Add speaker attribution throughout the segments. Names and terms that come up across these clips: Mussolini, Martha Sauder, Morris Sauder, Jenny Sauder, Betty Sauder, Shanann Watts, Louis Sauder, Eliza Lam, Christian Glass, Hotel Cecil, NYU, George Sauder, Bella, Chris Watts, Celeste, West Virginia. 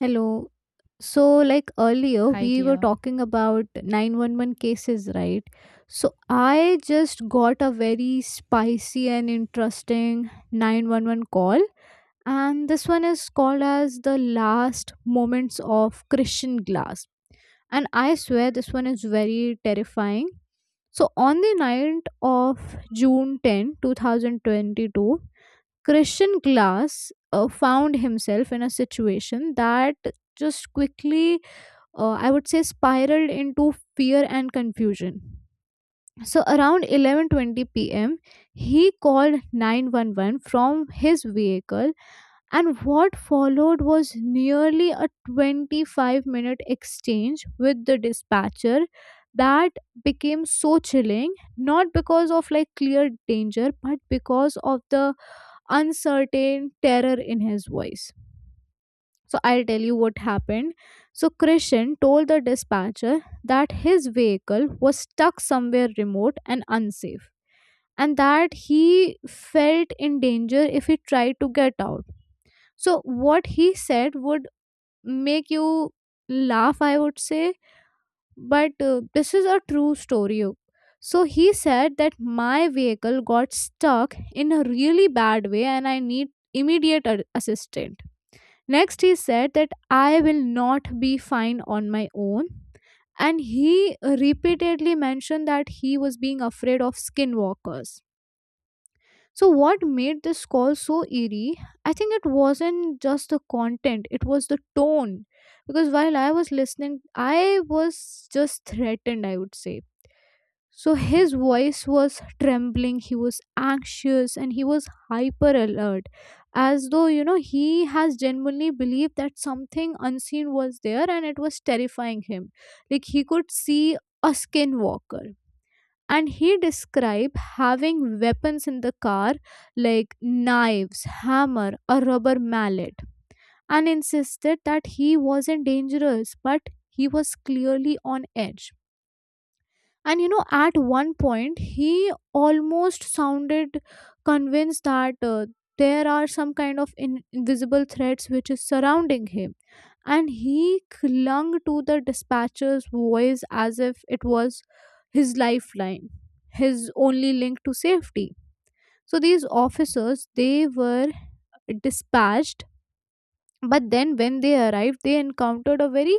Speaker 1: Hello. So, like earlier,
Speaker 2: Hi,
Speaker 1: we were
Speaker 2: dear.
Speaker 1: talking about 911 cases, right? So, I just got a very spicy and interesting 911 call, and this one is called as the last moments of Christian Glass. And I swear, this one is very terrifying. So, on the night of June 10, 2022, Christian Glass found himself in a situation that just quickly, I would say, spiraled into fear and confusion. So around 11:20 p.m., he called 911 from his vehicle, and what followed was nearly a 25-minute exchange with the dispatcher that became so chilling, not because of like clear danger but because of the uncertain terror in his voice. So I'll tell you what happened. So Krishan told the dispatcher that his vehicle was stuck somewhere remote and unsafe, and that he felt in danger if he tried to get out. So what he said would make you laugh, I would say, but this is a true story. So he said that my vehicle got stuck in a really bad way and I need immediate assistance. Next, he said that I will not be fine on my own. And he repeatedly mentioned that he was being afraid of skinwalkers. So, what made this call so eerie? I think it wasn't just the content, it was the tone. Because while I was listening, I was just threatened, I would say. So his voice was trembling, he was anxious, and he was hyper alert, as though, you know, he has genuinely believed that something unseen was there and it was terrifying him. Like he could see a skinwalker. And he described having weapons in the car like knives, hammer, a rubber mallet, and insisted that he wasn't dangerous, but he was clearly on edge, and you know, at one point, he almost sounded convinced that there are some kind of invisible threats which is surrounding him. And he clung to the dispatcher's voice as if it was his lifeline, his only link to safety. So these officers, they were dispatched, but then when they arrived, they encountered a very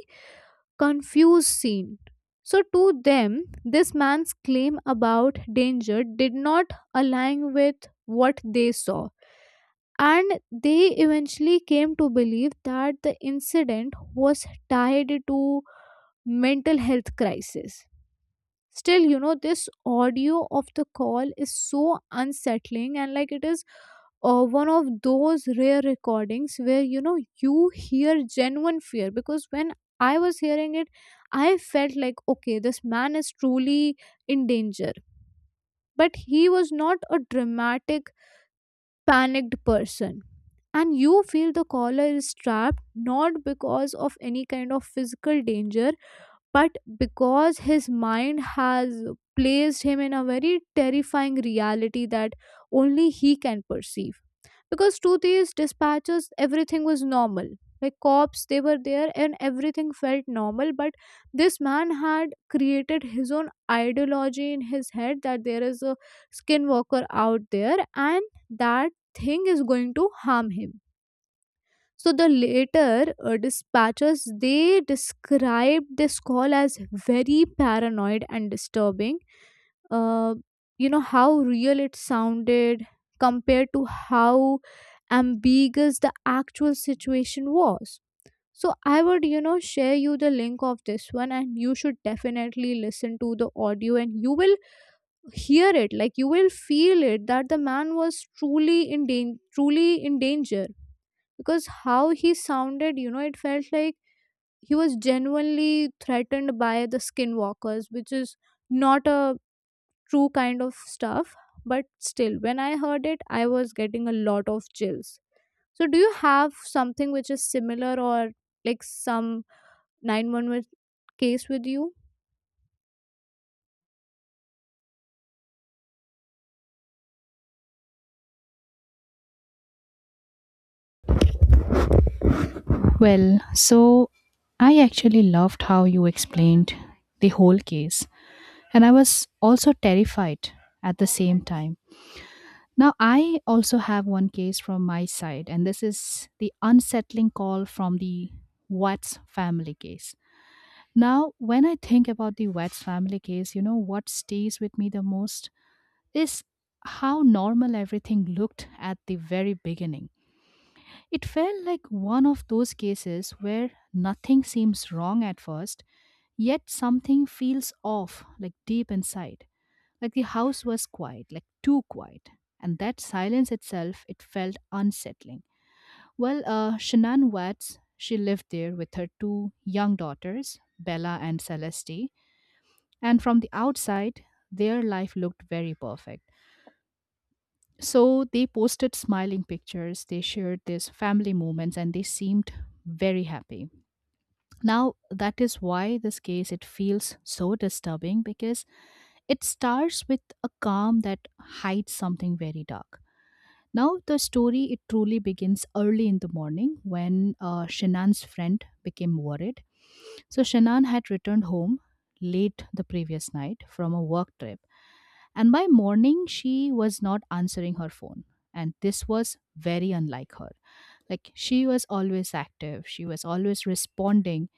Speaker 1: confused scene. So, to them, this man's claim about danger did not align with what they saw. And they eventually came to believe that the incident was tied to mental health crisis. Still, you know, this audio of the call is so unsettling, and like it is one of those rare recordings where you know you hear genuine fear, because when I was hearing it, I felt like, okay, this man is truly in danger, but he was not a dramatic, panicked person. And you feel the caller is trapped not because of any kind of physical danger but because his mind has placed him in a very terrifying reality that only he can perceive, because to these dispatchers everything was normal, like cops they were there and everything felt normal, but this man had created his own ideology in his head that there is a skinwalker out there and that thing is going to harm him. So the later dispatchers they described this call as very paranoid and disturbing. Uh, you know how real it sounded compared to how ambiguous the actual situation was. So I would, you know, share you the link of this one and you should definitely listen to the audio and you will hear it, like you will feel it that the man was truly in truly in danger, because how he sounded, you know, it felt like he was genuinely threatened by the skinwalkers, which is not a true kind of stuff. But still when I heard it, I was getting a lot of chills. So do you have something which is similar or like some 911 case with you?
Speaker 2: So I actually loved how you explained the whole case, and I was also terrified at the same time. Now, I also have one case from my side, and this is the unsettling call from the Watts family case. Now, when I think about the Watts family case, you know what stays with me the most is how normal everything looked at the very beginning. It felt like one of those cases where nothing seems wrong at first, yet something feels off, like deep inside. Like the house was quiet, like too quiet. And that silence itself, it felt unsettling. Shanann Watts, she lived there with her two young daughters, Bella and Celeste. And from the outside, their life looked very perfect. So they posted smiling pictures, they shared these family moments, and they seemed very happy. Now, that is why this case it feels so disturbing because it starts with a calm that hides something very dark. Now the story it truly begins early in the morning when Shanan's friend became worried. So Shannon had returned home late the previous night from a work trip, and by morning, she was not answering her phone. And this was very unlike her. Like, she was always active, she was always responding,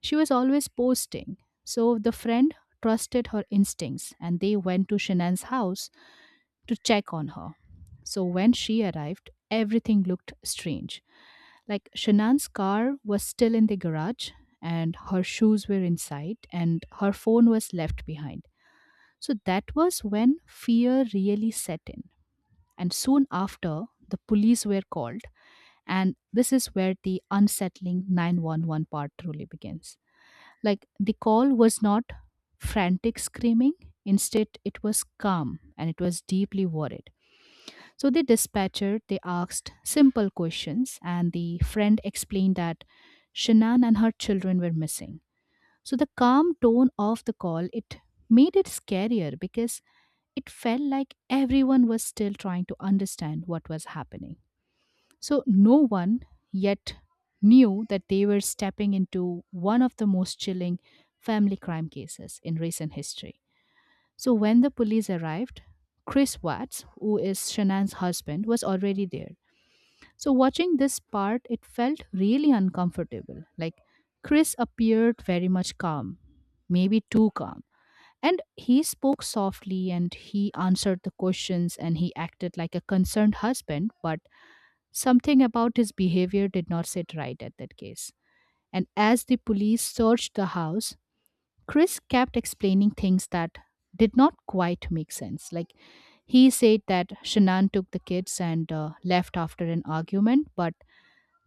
Speaker 2: she was always posting. So the friend trusted her instincts and they went to Shanann's house to check on her. So when she arrived, everything looked strange. Like Shanann's car was still in the garage and her shoes were inside and her phone was left behind. So that was when fear really set in. And soon after, the police were called. And this is where the unsettling 911-part truly begins. Like the call was not frantic screaming; instead, it was calm and it was deeply worried. So the dispatcher they asked simple questions, and the friend explained that Shannon and her children were missing. So the calm tone of the call it made it scarier because it felt like everyone was still trying to understand what was happening. So no one yet knew that they were stepping into one of the most chilling family crime cases in recent history. So when the police arrived, Chris Watts, who is Shannon's husband, was already there, so watching this part, it felt really uncomfortable. Like Chris appeared very much calm, maybe too calm. And he spoke softly and he answered the questions and he acted like a concerned husband, but something about his behavior did not sit right at that case. And as the police searched the house, Chris kept explaining things that did not quite make sense. Like he said that Shannon took the kids and left after an argument, but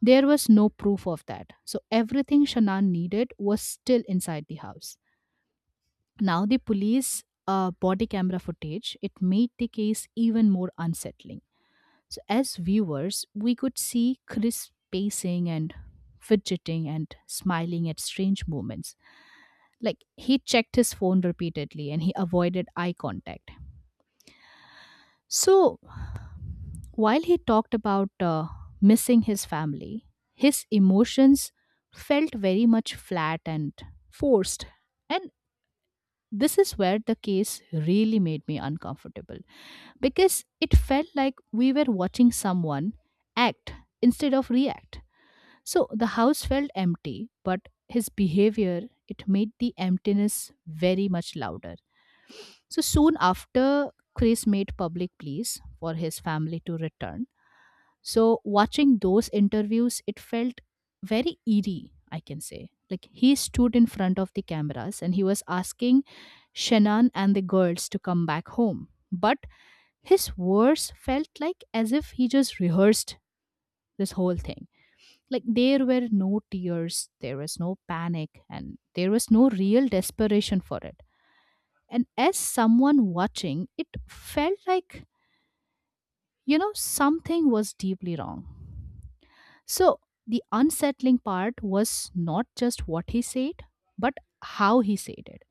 Speaker 2: there was no proof of that. So everything Shannon needed was still inside the house. Now the police body camera footage, it made the case even more unsettling. So as viewers, we could see Chris pacing and fidgeting and smiling at strange moments. Like he checked his phone repeatedly and he avoided eye contact. So while he talked about missing his family, his emotions felt very much flat and forced. And this is where the case really made me uncomfortable because it felt like we were watching someone act instead of react. So the house felt empty, but his behavior it made the emptiness very much louder. So soon after, Chris made public pleas for his family to return, so watching those interviews, it felt very eerie, I can say. Like he stood in front of the cameras and he was asking Shannon and the girls to come back home. But his words felt like as if he just rehearsed this whole thing. Like there were no tears, there was no panic, and there was no real desperation for it. And as someone watching, it felt like, you know, something was deeply wrong. So the unsettling part was not just what he said, but how he said it.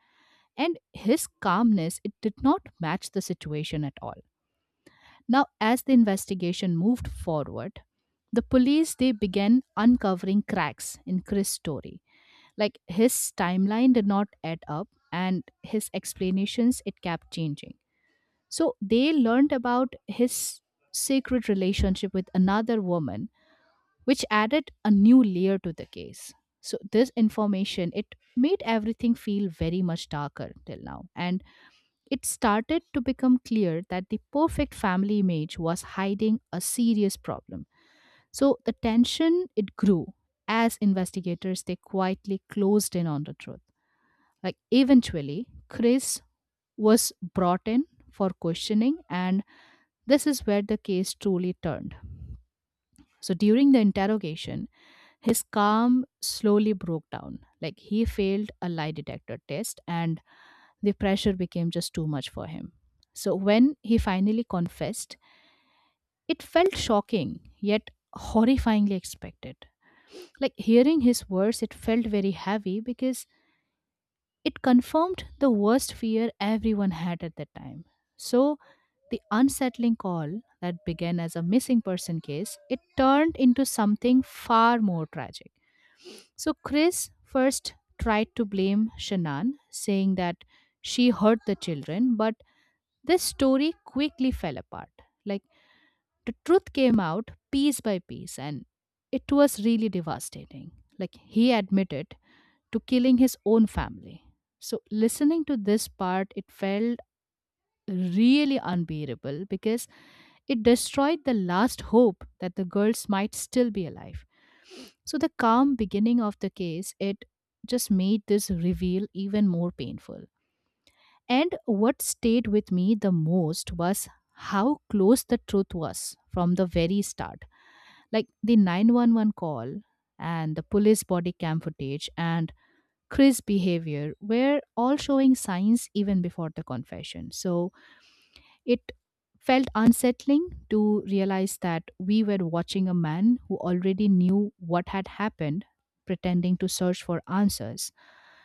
Speaker 2: And his calmness, it did not match the situation at all. Now, as the investigation moved forward, the police they began uncovering cracks in Chris' story. Like his timeline did not add up and his explanations it kept changing. So they learned about his secret relationship with another woman, which added a new layer to the case. So this information it made everything feel very much darker till now, and it started to become clear that the perfect family image was hiding a serious problem. So the tension it grew as investigators they quietly closed in on the truth. Like eventually Chris was brought in for questioning, and this is where the case truly turned. So during the interrogation, his calm slowly broke down. Like he failed a lie detector test and the pressure became just too much for him. So when he finally confessed, it felt shocking yet horrifyingly expected. Like hearing his words, it felt very heavy because it confirmed the worst fear everyone had at that time. So the unsettling call that began as a missing person case, it turned into something far more tragic. So Chris first tried to blame Shannon, saying that she hurt the children, but this story quickly fell apart. Like the truth came out piece by piece, and it was really devastating. Like he admitted to killing his own family. So, listening to this part, it felt really unbearable because it destroyed the last hope that the girls might still be alive. So, the calm beginning of the case, it just made this reveal even more painful. And what stayed with me the most was how close the truth was from the very start. Like the 911 call and the police body cam footage and Chris' behavior were all showing signs even before the confession. So it felt unsettling to realize that we were watching a man who already knew what had happened, pretending to search for answers.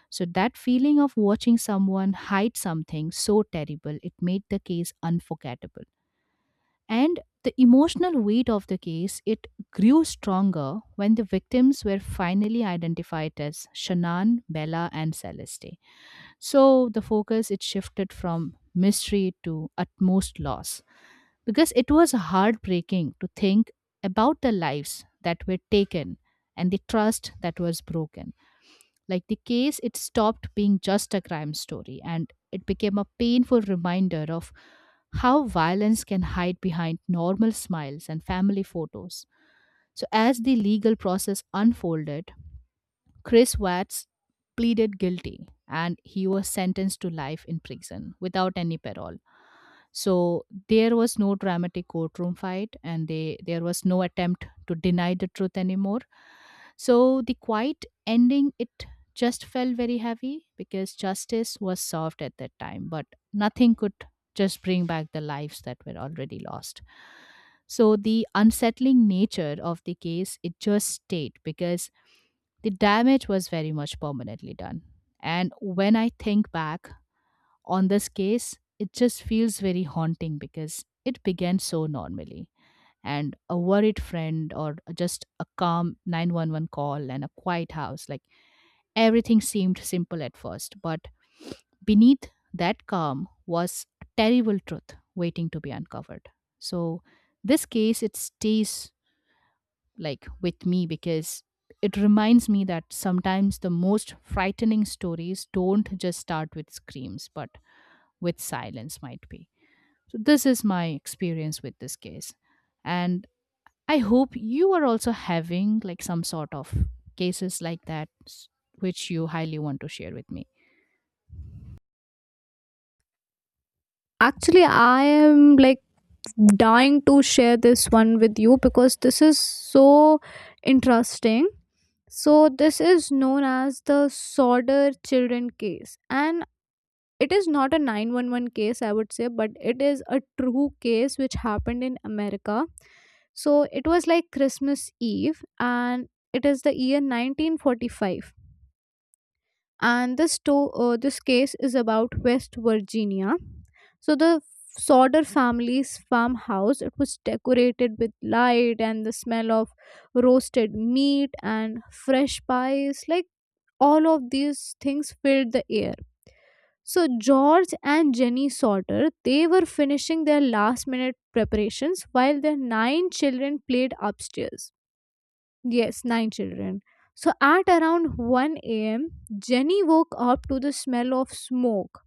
Speaker 2: So that feeling of watching someone hide something so terrible, it made the case unforgettable. And the emotional weight of the case, it grew stronger when the victims were finally identified as Shannon, Bella, and Celeste. So the focus it shifted from mystery to utmost loss because it was heartbreaking to think about the lives that were taken and the trust that was broken. Like the case it stopped being just a crime story and it became a painful reminder of how violence can hide behind normal smiles and family photos. So, as the legal process unfolded, Chris Watts pleaded guilty and he was sentenced to life in prison without any parole. So there was no dramatic courtroom fight, and they there was no attempt to deny the truth anymore. So the quiet ending, it just felt very heavy because justice was served at that time, but nothing could just bring back the lives that were already lost. So the unsettling nature of the case, it just stayed because the damage was very much permanently done. And when I think back on this case, it just feels very haunting because it began so normally. And a worried friend, or just a calm 911 call and a quiet house, like everything seemed simple at first. But beneath that calm was a terrible truth waiting to be uncovered. So this case, it stays like with me because it reminds me that sometimes the most frightening stories don't just start with screams, but with silence, might be. So, this is my experience with this case. And I hope you are also having like some sort of cases like that, which you highly want to share with me.
Speaker 1: Actually, I am like dying to share this one with you because this is so interesting. So, this is known as the Sauder children case, and it is not a 911 case, I would say, but it is a true case which happened in America. So, it was like Christmas Eve, and it is the year 1945. And this, this case is about West Virginia. So, the Sauder family's farmhouse, it was decorated with light and the smell of roasted meat and fresh pies. Like, all of these things filled the air. So George and Jenny Sauter, they were finishing their last minute preparations while their nine children played upstairs. Yes, nine children. So at around 1 a.m., Jenny woke up to the smell of smoke.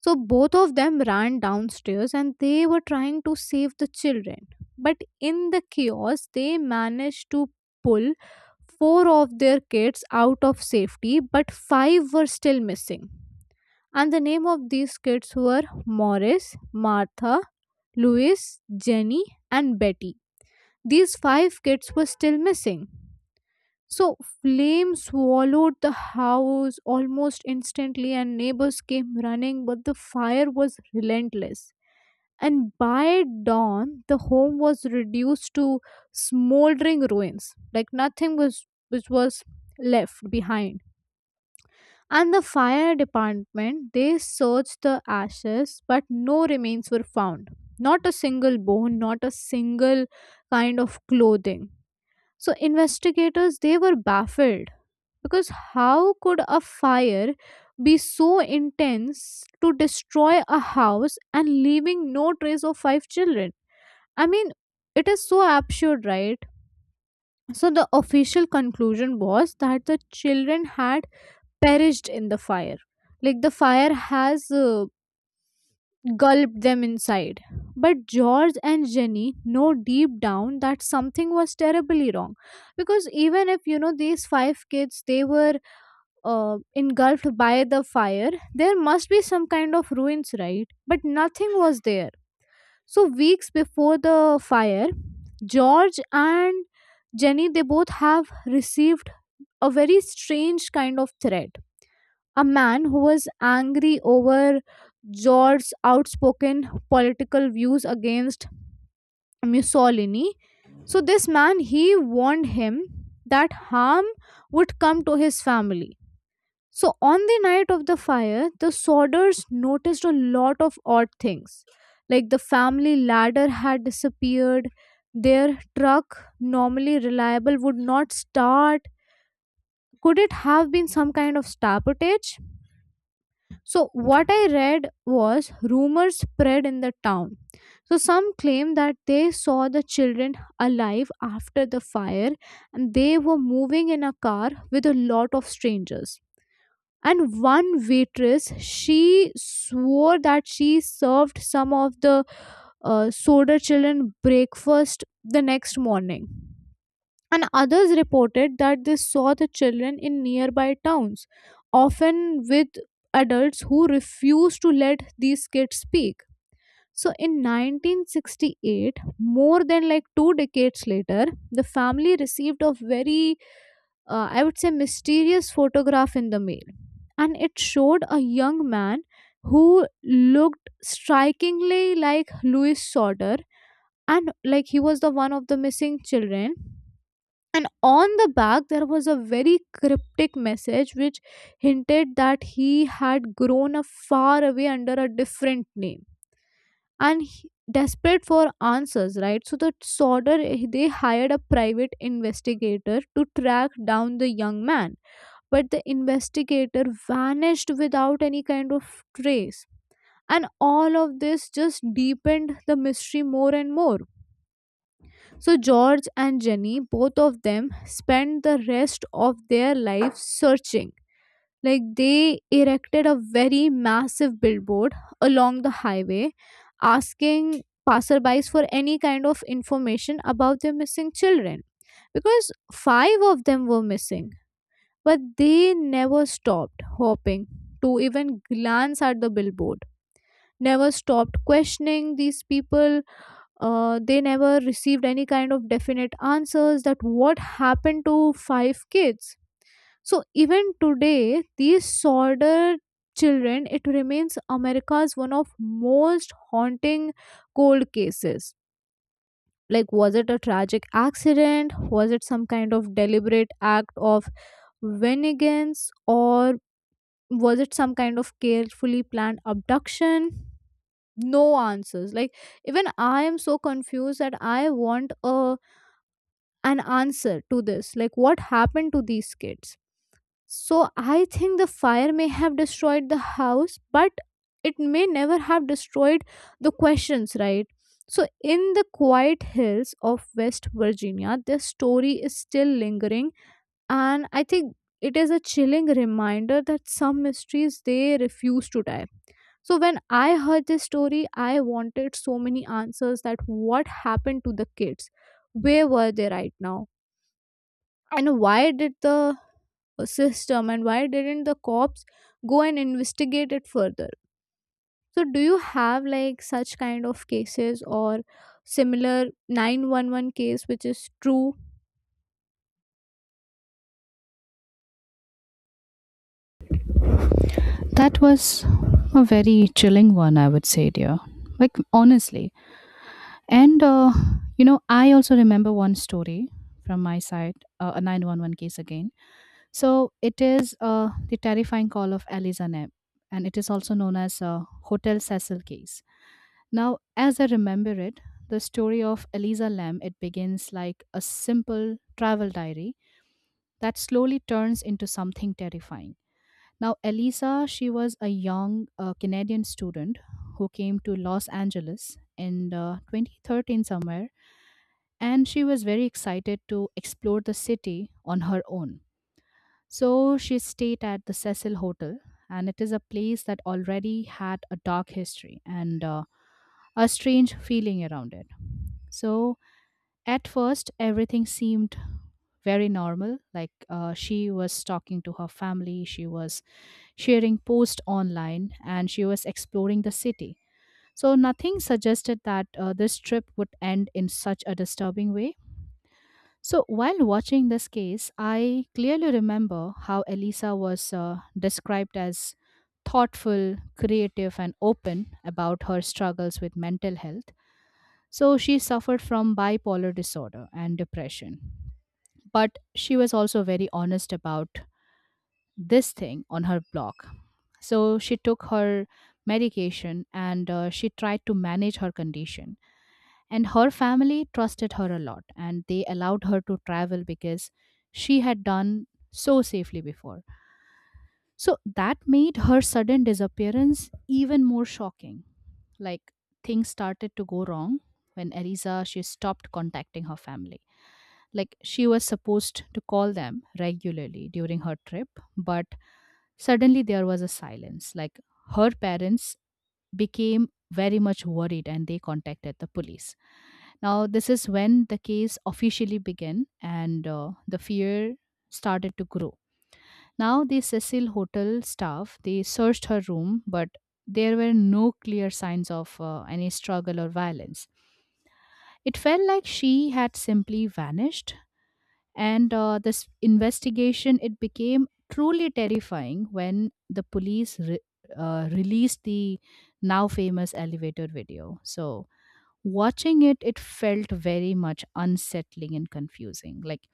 Speaker 1: So both of them ran downstairs and they were trying to save the children. But in the chaos, they managed to pull four of their kids out of safety, but five were still missing. And the name of these kids were Morris, Martha, Louis, Jenny, and Betty. These five kids were still missing. So, flames swallowed the house almost instantly, and neighbors came running, but the fire was relentless, and by dawn the home was reduced to smoldering ruins, like nothing was which was left behind. And the fire department, they searched the ashes, but no remains were found. Not a single bone, not a single kind of clothing. So investigators, they were baffled, because how could a fire be so intense to destroy a house and leaving no trace of five children? I mean, it is so absurd, right? So, the official conclusion was that the children had perished in the fire. Like, the fire has gulped them inside. But George and Jenny know deep down that something was terribly wrong. Because even if, you know, these five kids, they were engulfed by the fire, there must be some kind of ruins, right? But nothing was there. So weeks before the fire, George and Jenny they both have received a very strange kind of threat. A man who was angry over George's outspoken political views against Mussolini. So this man he warned him that harm would come to his family. So, on the night of the fire, the Sorders noticed a lot of odd things. Like the family ladder had disappeared, their truck, normally reliable, would not start. Could it have been some kind of sabotage? So, what I read was rumors spread in the town. So, some claim that they saw the children alive after the fire and they were moving in a car with a lot of strangers, and one waitress she swore that she served some of the soda children breakfast the next morning. And others reported that they saw the children in nearby towns, often with adults who refused to let these kids speak. So in 1968, more than like two decades later, the family received a very I would say, mysterious photograph in the mail. And it showed a young man who looked strikingly like Louis Sauter, and like he was the one of the missing children. And on the back, there was a very cryptic message which hinted that he had grown up far away under a different name. And desperate for answers, right? So the Sauter, they hired a private investigator to track down the young man, but the investigator vanished without any kind of trace. And all of this just deepened the mystery more and more. So, George and Jenny, both of them, spent the rest of their lives searching. Like, they erected a very massive billboard along the highway, asking passerbys for any kind of information about their missing children, because five of them were missing. But they never stopped hoping to even glance at the billboard, never stopped questioning these people. They never received any kind of definite answers that what happened to five kids. So even today, these solder children, it remains America's one of most haunting cold cases. Like, was it a tragic accident? Was it some kind of deliberate act of vengeance? Or was it some kind of carefully planned abduction? No answers, like even I am so confused that I want a an answer to this, like what happened to these kids? So I think the fire may have destroyed the house, but it may never have destroyed the questions, right? So in the quiet hills of West Virginia, this story is still lingering, and I think it is a chilling reminder that some mysteries they refuse to die. So when I heard this story, I wanted so many answers that what happened to the kids? Where were they right now? And why did the system and why didn't the cops go and investigate it further? So do you have like such kind of cases or similar 911 case which is true?
Speaker 2: That was a very chilling one, I would say, dear. Like, honestly. And, uh, you know, I also remember one story from my side, a 911 case again. So, it is the terrifying call of Eliza Neb, and it is also known as Hotel Cecil case. Now, as I remember it, the story of Eliza Lamb, it begins like a simple travel diary that slowly turns into something terrifying. Now, Eliza, she was a young Canadian student who came to Los Angeles in 2013 somewhere, and she was very excited to explore the city on her own. So she stayed at the Cecil Hotel, and it is a place that already had a dark history and a strange feeling around it. So at first, everything seemed very normal. Like she was talking to her family, she was sharing posts online, and she was exploring the city. So nothing suggested that this trip would end in such a disturbing way. So, while watching this case, I clearly remember how Elisa was described as thoughtful, creative, and open about her struggles with mental health. So, she suffered from bipolar disorder and depression. But she was also very honest about this thing on her blog. So, she took her medication and she tried to manage her condition, and her family trusted her a lot, and they allowed her to travel because she had done so safely before. So that made her sudden disappearance even more shocking. Like, things started to go wrong when Eliza she stopped contacting her family. Like, she was supposed to call them regularly during her trip, but suddenly there was a silence. Like, her parents became very much worried and they contacted the police. Now, this is when the case officially began, and the fear started to grow. Now, the Cecil Hotel staff, they searched her room, but there were no clear signs of any struggle or violence. It felt like she had simply vanished, and this investigation, it became truly terrifying when the police released the now famous elevator video. So watching it, it felt very much unsettling and confusing. Like,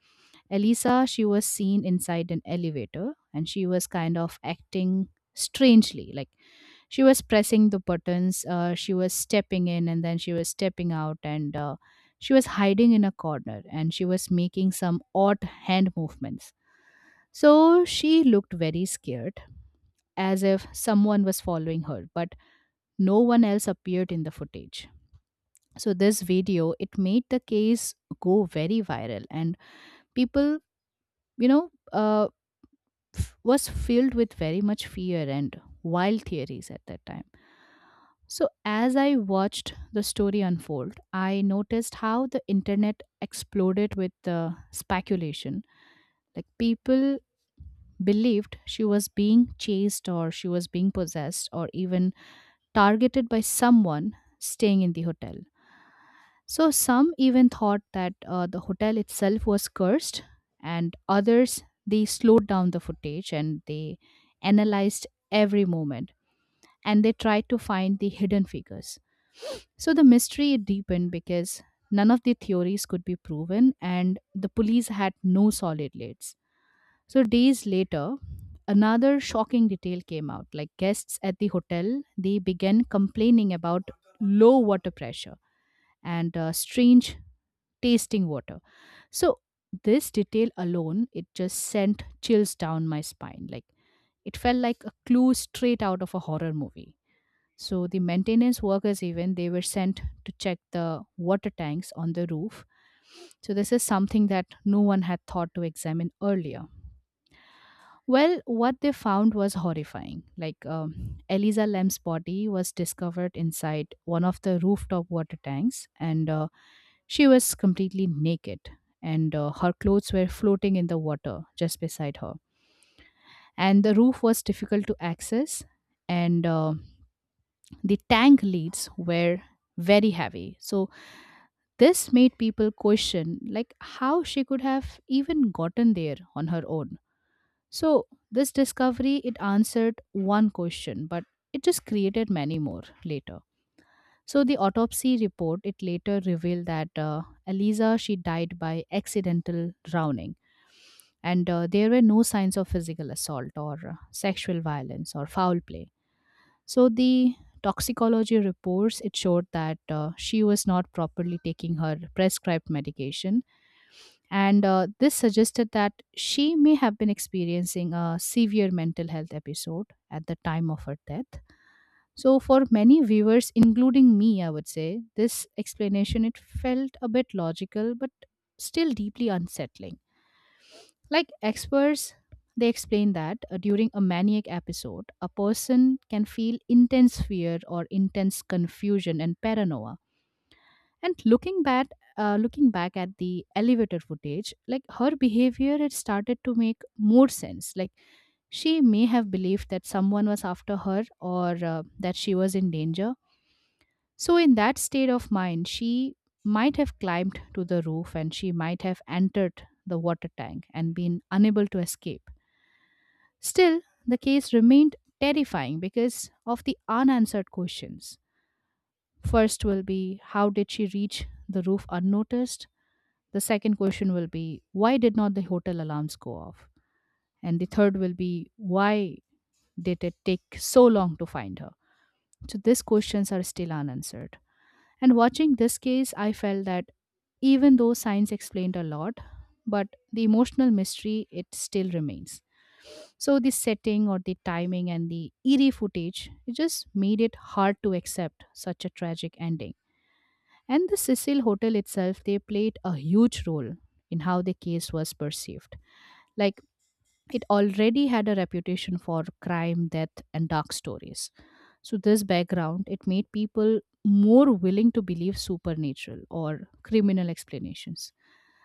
Speaker 2: elisa she was seen inside an elevator, and she was kind of acting strangely. Like, she was pressing the buttons, she was stepping in and then she was stepping out, and she was hiding in a corner, and she was making some odd hand movements. So she looked very scared, as if someone was following her, but no one else appeared in the footage. So this video, it made the case go very viral, and people, you know uh, was filled with very much fear and wild theories at that time. So, as I watched the story unfold, I noticed how the internet exploded with the speculation. Like, people believed she was being chased, or she was being possessed, or even targeted by someone staying in the hotel. So, some even thought that the hotel itself was cursed, and others, they slowed down the footage and they analyzed every moment, and they tried to find the hidden figures. So the mystery deepened because none of the theories could be proven and the police had no solid leads. So days later, another shocking detail came out. Like, guests at the hotel, they began complaining about low water pressure and strange tasting water. So this detail alone, it just sent chills down my spine. Like, it felt like a clue straight out of a horror movie. So the maintenance workers, even they were sent to check the water tanks on the roof. So this is something that no one had thought to examine earlier. Well, what they found was horrifying. Like, Eliza Lam's body was discovered inside one of the rooftop water tanks, and she was completely naked, and her clothes were floating in the water just beside her. And the roof was difficult to access, and the tank leads were very heavy. So this made people question like how she could have even gotten there on her own. So this discovery, it answered one question, but it just created many more later. So the autopsy report, it later revealed that Eliza, she died by accidental drowning, and there were no signs of physical assault or sexual violence or foul play. So the toxicology reports, it showed that she was not properly taking her prescribed medication, and this suggested that she may have been experiencing a severe mental health episode at the time of her death. So for many viewers, including me, I would say this explanation, it felt a bit logical, but still deeply unsettling. Like experts, they explain that during a maniac episode, a person can feel intense fear or intense confusion and paranoia. And looking back at the elevator footage, like, her behavior, it started to make more sense. Like, she may have believed that someone was after her, or that she was in danger. So, in that state of mind, she might have climbed to the roof and she might have entered the water tank and been unable to escape. Still, the case remained terrifying because of the unanswered questions. First will be, how did she reach the roof unnoticed? The second question will be, why did not the hotel alarms go off? And the third will be, why did it take so long to find her? So these questions are still unanswered. And watching this case, I felt that even though science explained a lot, but the emotional mystery, it still remains. So the setting or the timing and the eerie footage, it just made it hard to accept such a tragic ending. And the Cecil Hotel itself, they played a huge role in how the case was perceived. Like, it already had a reputation for crime, death, and dark stories. So this background, it made people more willing to believe supernatural or criminal explanations.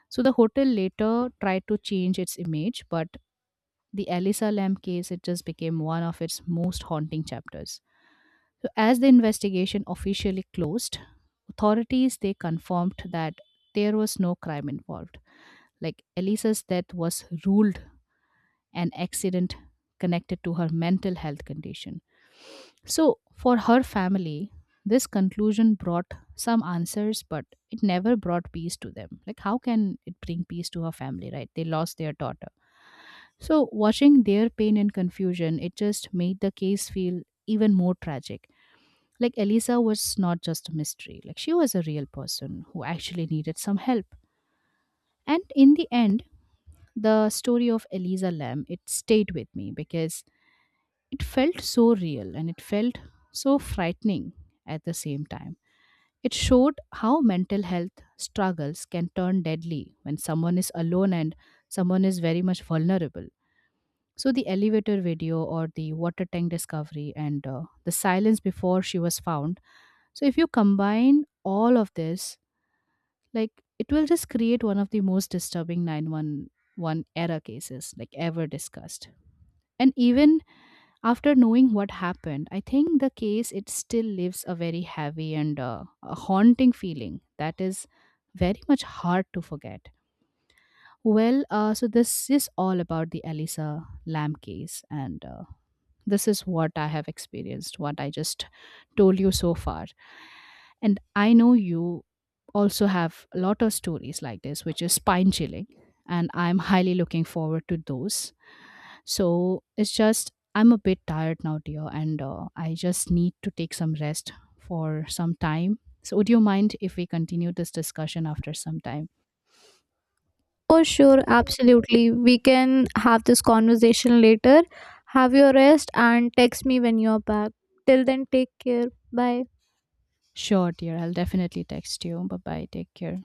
Speaker 2: So the hotel later tried to change its image, but the Elisa Lam case, it just became one of its most haunting chapters. So as the investigation officially closed, authorities, they confirmed that there was no crime involved. Like, Elisa's death was ruled an accident connected to her mental health condition. So, for her family, this conclusion brought some answers, but it never brought peace to them. Like, how can it bring peace to her family, right? They lost their daughter. So, watching their pain and confusion, it just made the case feel even more tragic. Like, Elisa was not just a mystery, like, she was a real person who actually needed some help. And in the end, the story of Elisa Lamb, it stayed with me because it felt so real and it felt so frightening at the same time. It showed how mental health struggles can turn deadly when someone is alone and someone is very much vulnerable. So, the elevator video or the water tank discovery and the silence before she was found. So, if you combine all of this, like, it will just create one of the most disturbing 911 era cases like ever discussed. And even after knowing what happened, I think the case, it still leaves a very heavy and a haunting feeling that is very much hard to forget. Well, so this is all about the Elisa Lam case, and this is what I have experienced, what I just told you so far. And I know you also have a lot of stories like this, which is spine chilling. And I'm highly looking forward to those. So it's just, I'm a bit tired now, dear, and I just need to take some rest for some time. So, would you mind if we continue this discussion after some time?
Speaker 1: For sure, absolutely. We can have this conversation later. Have your rest and text me when you're back. Till then, take care. Bye.
Speaker 2: Sure, dear. I'll definitely text you. Bye bye. Take care.